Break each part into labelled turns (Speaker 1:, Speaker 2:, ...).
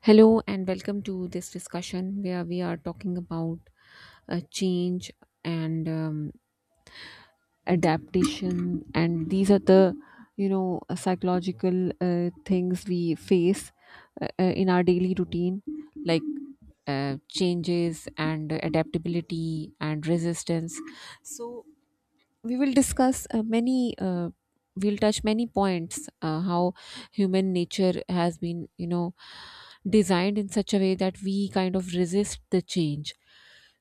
Speaker 1: Hello, and welcome to this discussion where we are talking about change and adaptation. And these are the, psychological things we face in our daily routine, like changes and adaptability and resistance. So, we will discuss many we'll touch many points, how human nature has been designed in such a way that we kind of resist the change.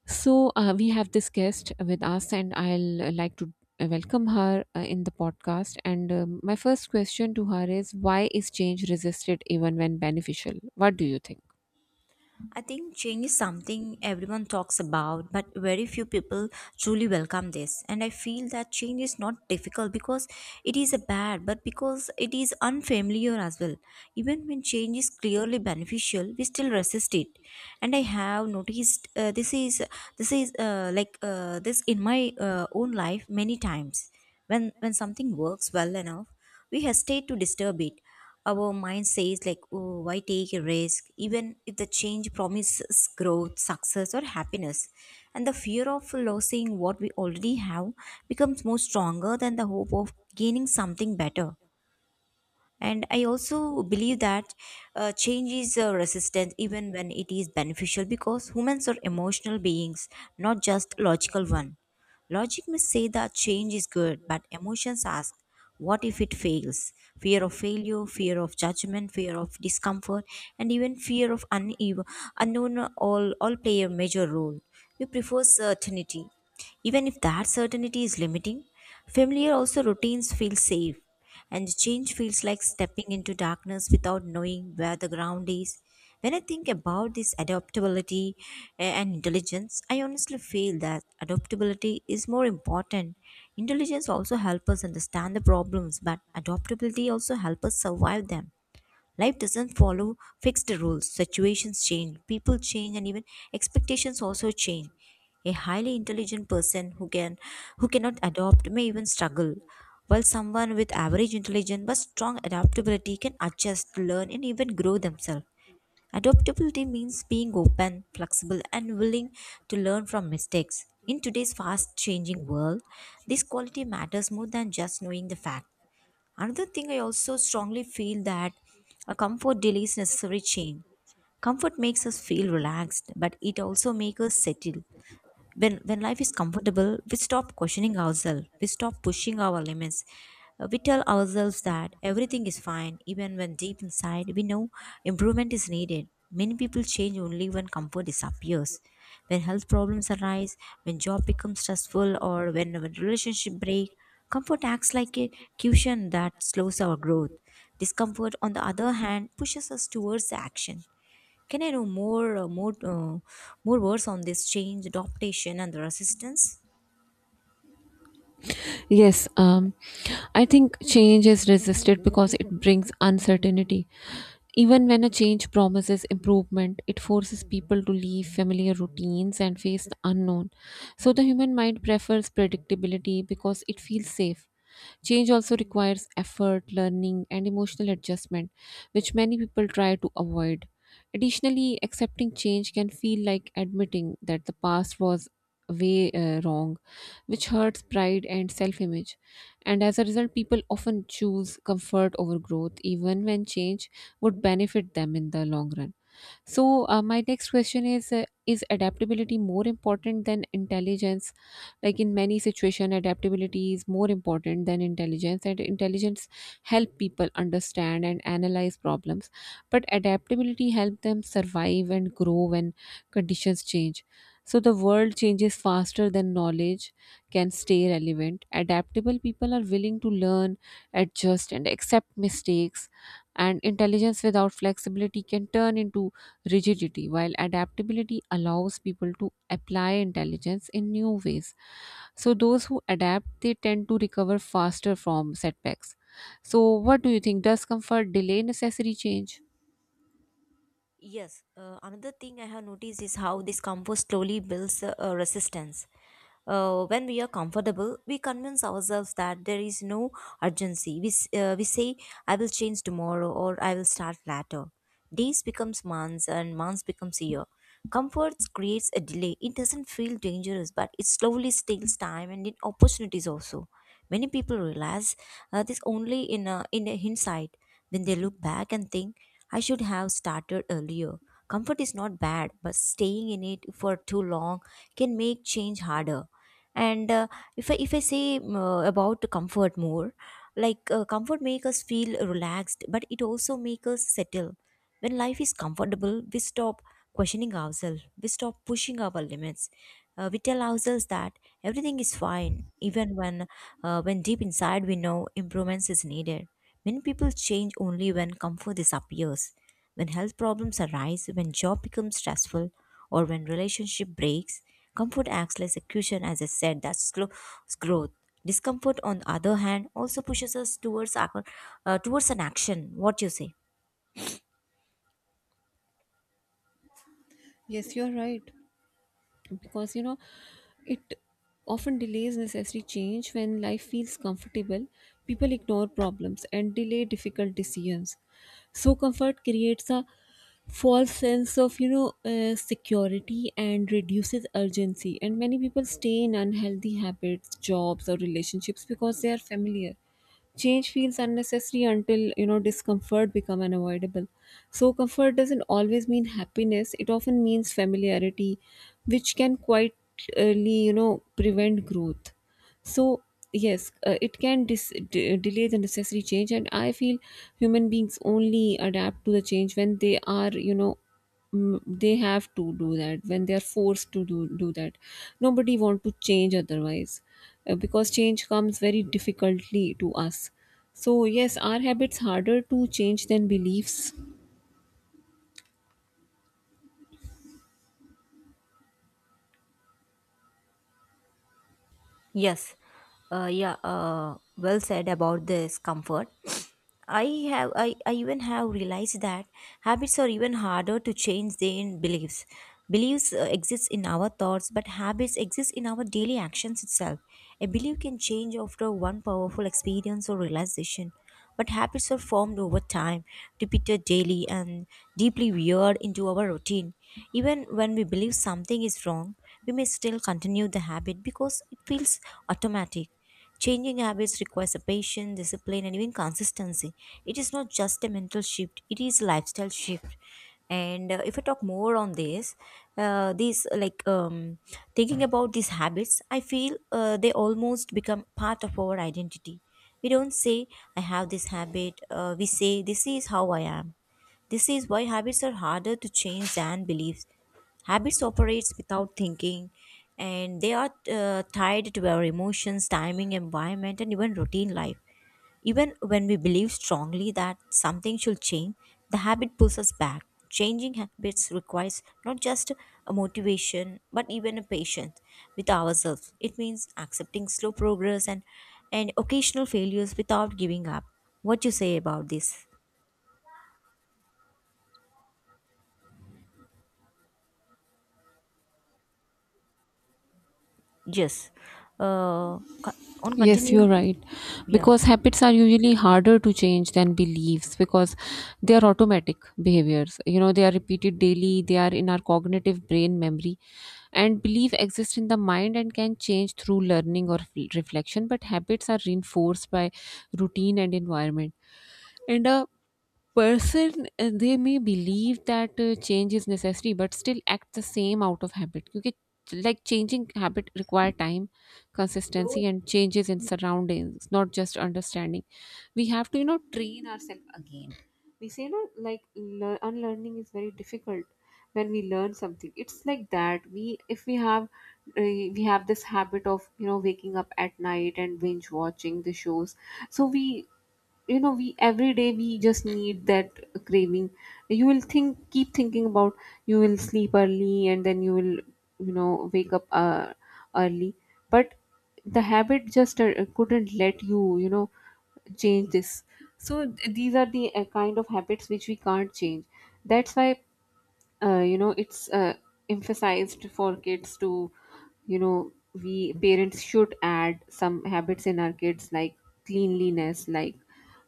Speaker 1: So we have this guest with us and I'll like to welcome her in the podcast, and my first question to her is, why is change resisted even when beneficial? What do you think?
Speaker 2: I think change is something everyone talks about, but very few people truly welcome this. And I feel that change is not difficult because it is a bad, but because it is unfamiliar as well. Even when change is clearly beneficial, we still resist it. And I have noticed this is like this in my own life many times. When something works well enough, we hesitate to disturb it. Our mind says like, oh, why take a risk? Even if the change promises growth, success or happiness. And the fear of losing what we already have becomes more stronger than the hope of gaining something better. And I also believe that change is resistant even when it is beneficial, because humans are emotional beings, not just logical one. Logic may say that change is good, but emotions ask, what if it fails? Fear of failure, fear of judgment, fear of discomfort, and even fear of uneven, unknown, all play a major role. We prefer certainty, even if that certainty is limiting. Familiar also routines feel safe, and change feels like stepping into darkness without knowing where the ground is. When I think about this adaptability and intelligence, I honestly feel that adaptability is more important. Intelligence also helps us understand the problems, but adaptability also helps us survive them. Life doesn't follow fixed rules. Situations change, people change, and even expectations also change. A highly intelligent person who cannot adopt may even struggle, while someone with average intelligence but strong adaptability can adjust, learn, and even grow themselves. Adaptability means being open, flexible, and willing to learn from mistakes. In today's fast changing world, this quality matters more than just knowing the facts. Another thing I also strongly feel that a comfort delays necessary change. Comfort makes us feel relaxed, but it also makes us settle. When life is comfortable, we stop questioning ourselves, we stop pushing our limits. We tell ourselves that everything is fine, even when deep inside we know improvement is needed. Many people change only when comfort disappears, when health problems arise, when job becomes stressful, or when a relationship break. Comfort acts like a cushion that slows our growth. Discomfort, on the other hand, pushes us towards action. Can I know more, more words on this change, adaptation, and the resistance?
Speaker 1: Yes, I think change is resisted because it brings uncertainty. Even when a change promises improvement, it forces people to leave familiar routines and face the unknown. So the human mind prefers predictability because it feels safe. Change also requires effort, learning, and emotional adjustment, which many people try to avoid. Additionally, accepting change can feel like admitting that the past was way wrong, which hurts pride and self image. And as a result, people often choose comfort over growth, even when change would benefit them in the long run. So, my next question is, is adaptability more important than intelligence? Like in many situation, adaptability is more important than intelligence, and intelligence help people understand and analyze problems, but adaptability help them survive and grow when conditions change. So the world changes faster than knowledge can stay relevant. Adaptable people are willing to learn, adjust, and accept mistakes, and intelligence without flexibility can turn into rigidity, while adaptability allows people to apply intelligence in new ways. So, those who adapt, they tend to recover faster from setbacks. So, what do you think? Does comfort delay necessary change?
Speaker 2: Yes, another thing I have noticed is how this compost slowly builds a resistance. When we are comfortable, we convince ourselves that there is no urgency. We say, I will change tomorrow, or I will start later. Days becomes months and months becomes year. Comfort creates a delay. It doesn't feel dangerous, but it slowly steals time and in opportunities also. Many people realize this only in a hindsight, when they look back and think, I should have started earlier. Comfort is not bad, but staying in it for too long can make change harder. And if I say about comfort more, comfort make us feel relaxed, but it also make us settle. When life is comfortable, we stop questioning ourselves, we stop pushing our limits. We tell ourselves that everything is fine, even when deep inside we know improvements is needed. Many people change only when comfort disappears, when health problems arise, when job becomes stressful, or when relationship breaks. Comfort acts like a cushion, as I said, that slow growth. Discomfort, on the other hand, also pushes us towards towards an action. What you say?
Speaker 1: Yes, you're right. Because you know, it often delays necessary change. When life feels comfortable, people ignore problems and delay difficult decisions. So comfort creates a false sense of, security, and reduces urgency, and many people stay in unhealthy habits, jobs, or relationships because they are familiar. Change feels unnecessary until, you know, discomfort become unavoidable. So comfort doesn't always mean happiness. It often means familiarity, which can uh, prevent growth. So yes, it can delay the necessary change, and I feel human beings only adapt to the change when they are, you know, they have to do that, when they are forced to do that. Nobody want to change otherwise, because change comes very difficultly to us. So yes, our habits harder to change than beliefs.
Speaker 2: Yes, yeah, well said about this comfort. I I even have realized that habits are even harder to change than beliefs. Beliefs exist in our thoughts, but habits exist in our daily actions itself. A belief can change after one powerful experience or realization. But habits are formed over time, repeated daily, and deeply weird into our routine. Even when we believe something is wrong, we may still continue the habit because it feels automatic. Changing habits requires a patience, discipline, and even consistency. It is not just a mental shift, it is a lifestyle shift. And if I talk more on this, these like thinking about these habits, I feel they almost become part of our identity. We don't say, I have this habit. We say, this is how I am. This is why habits are harder to change than beliefs. Habits operates without thinking, and they are tied to our emotions, timing, environment and even routine life. Even when we believe strongly that something should change, the habit pulls us back. Changing habits requires not just a motivation, but even a patience with ourselves. It means accepting slow progress and occasional failures without giving up. What you say about this? Yes. Uh, co- on
Speaker 1: Yes,
Speaker 2: continue.
Speaker 1: you're right.
Speaker 2: Yeah.
Speaker 1: Because habits are usually harder to change than beliefs because they are automatic behaviors. You know, they are repeated daily, they are in our cognitive brain memory. And belief exists in the mind and can change through learning or reflection, but habits are reinforced by routine and environment. And a person, they may believe that change is necessary but still act the same out of habit. Because like changing habit require time, consistency, and changes in surroundings, not just understanding. We have to, you know, train ourselves again. We say, you like unlearning is very difficult. When we learn something, it's like that, we, if we have we have this habit of, you know, waking up at night and binge watching the shows. So we, you know, we every day we just need that craving. You will think, keep thinking about, you will sleep early and then you will, you know, wake up early, but the habit just couldn't let you, you know, change this. So these are the kind of habits which we can't change. That's why, you know it's emphasized for kids to, you know, we parents should add some habits in our kids, like cleanliness, like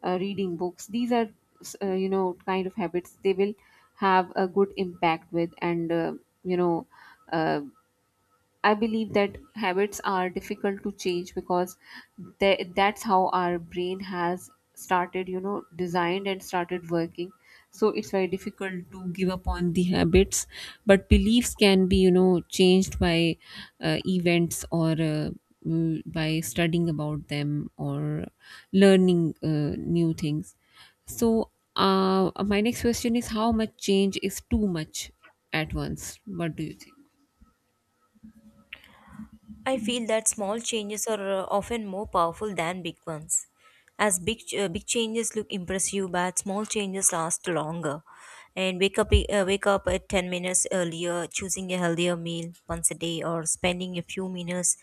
Speaker 1: reading books. These are, you know, kind of habits they will have a good impact with. And you know uh, I believe that habits are difficult to change because that's how our brain has started, you know, designed and started working. So it's very difficult to give up on the habits, but beliefs can be, you know, changed by events, or by studying about them, or learning new things. So, my next question is, how much change is too much at once? What do you think?
Speaker 2: I feel that small changes are often more powerful than big ones. As big changes look impressive, but small changes last longer. And wake up at 10 minutes earlier, choosing a healthier meal once a day, or spending a few minutes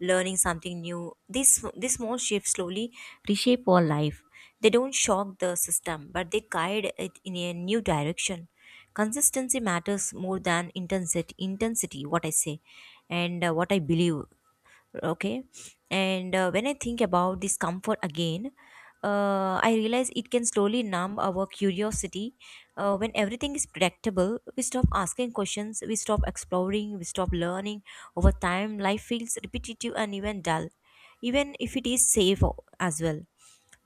Speaker 2: learning something new. These small shifts slowly reshape our life. They don't shock the system, but they guide it in a new direction. Consistency matters more than intensity. Intensity, what I say and what I believe. Okay. And when I think about this comfort again, I realize it can slowly numb our curiosity. When everything is predictable, we stop asking questions, we stop exploring, we stop learning. Over time life feels repetitive and even dull, even if it is safe as well.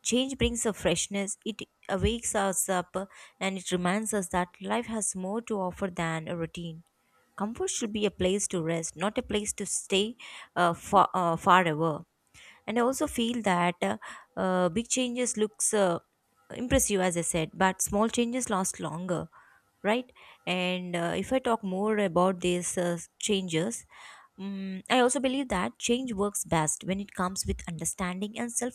Speaker 2: Change brings a freshness, it awakes us up, and it reminds us that life has more to offer than a routine. Comfort should be a place to rest, not a place to stay forever. And I also feel that big changes looks impressive, as I said, but small changes last longer, right? And if I talk more about these changes, I also believe that change works best when it comes with understanding and self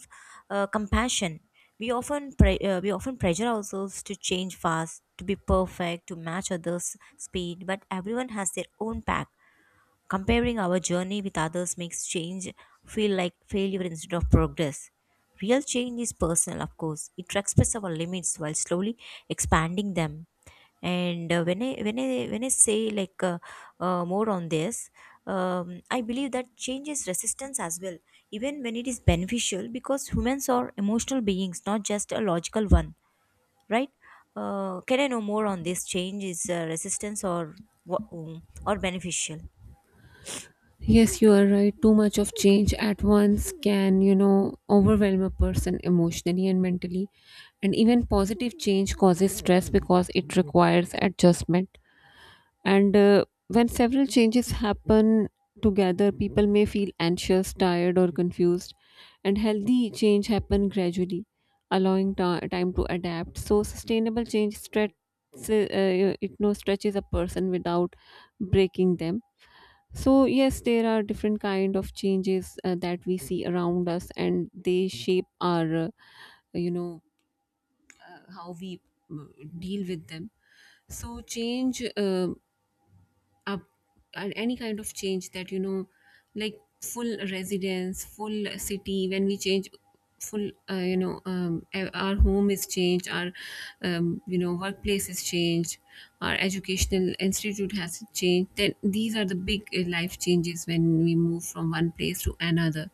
Speaker 2: compassion. We often pressure ourselves to change fast, to be perfect, to match others' speed, but everyone has their own path. Comparing our journey with others makes change feel like failure instead of progress. Real change is personal, of course. It respects our limits while slowly expanding them. And when I when I say more on this, I believe that change is resistance as well, even when it is beneficial, because humans are emotional beings, not just a logical one, right? Can I know more on this? Change is resistance or or beneficial?
Speaker 1: Yes, you are right. Too much of change at once can, you know, overwhelm a person emotionally and mentally. And even positive change causes stress because it requires adjustment. And when several changes happen together, people may feel anxious, tired, or confused. And healthy change happen gradually, allowing time to adapt. So sustainable change stretches, it no stretches a person without breaking them. So yes, there are different kind of changes that we see around us, and they shape our, you know, how we mm, deal with them. So change, up, and any kind of change that, you know, like full residence, full city. When we change full, our home is changed, our, you know, workplace is changed, our educational institute has changed, then these are the big life changes, when we move from one place to another.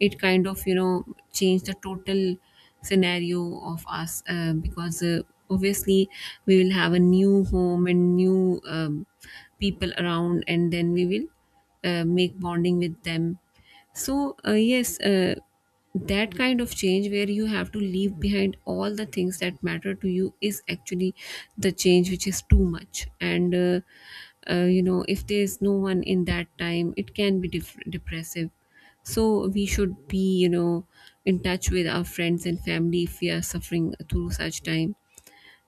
Speaker 1: It kind of, you know, changed the total scenario of us, because obviously we will have a new home and new, people around, and then we will make bonding with them. So, that kind of change where you have to leave behind all the things that matter to you is actually the change which is too much. And, if there is no one in that time, it can be depressive. So, we should be, you know, in touch with our friends and family if we are suffering through such time.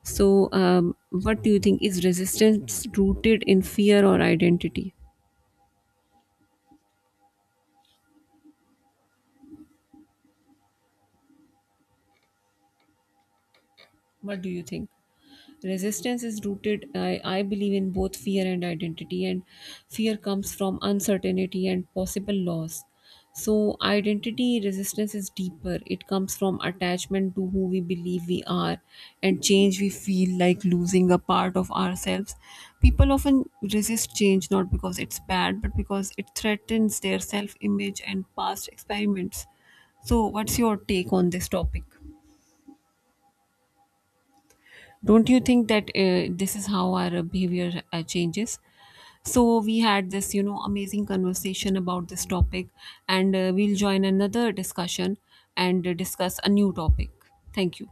Speaker 1: So, what do you think? Is resistance rooted in fear or identity? What do you think? Resistance is rooted, I believe, in both fear and identity, and fear comes from uncertainty and possible loss. So, identity resistance is deeper. It comes from attachment to who we believe we are, and change we feel like losing a part of ourselves. People often resist change not because it's bad, but because it threatens their self image and past experiments. So, what's your take on this topic? Don't you think that this is how our behavior changes? So we had this, you know, amazing conversation about this topic, and we'll join another discussion and discuss a new topic. Thank you.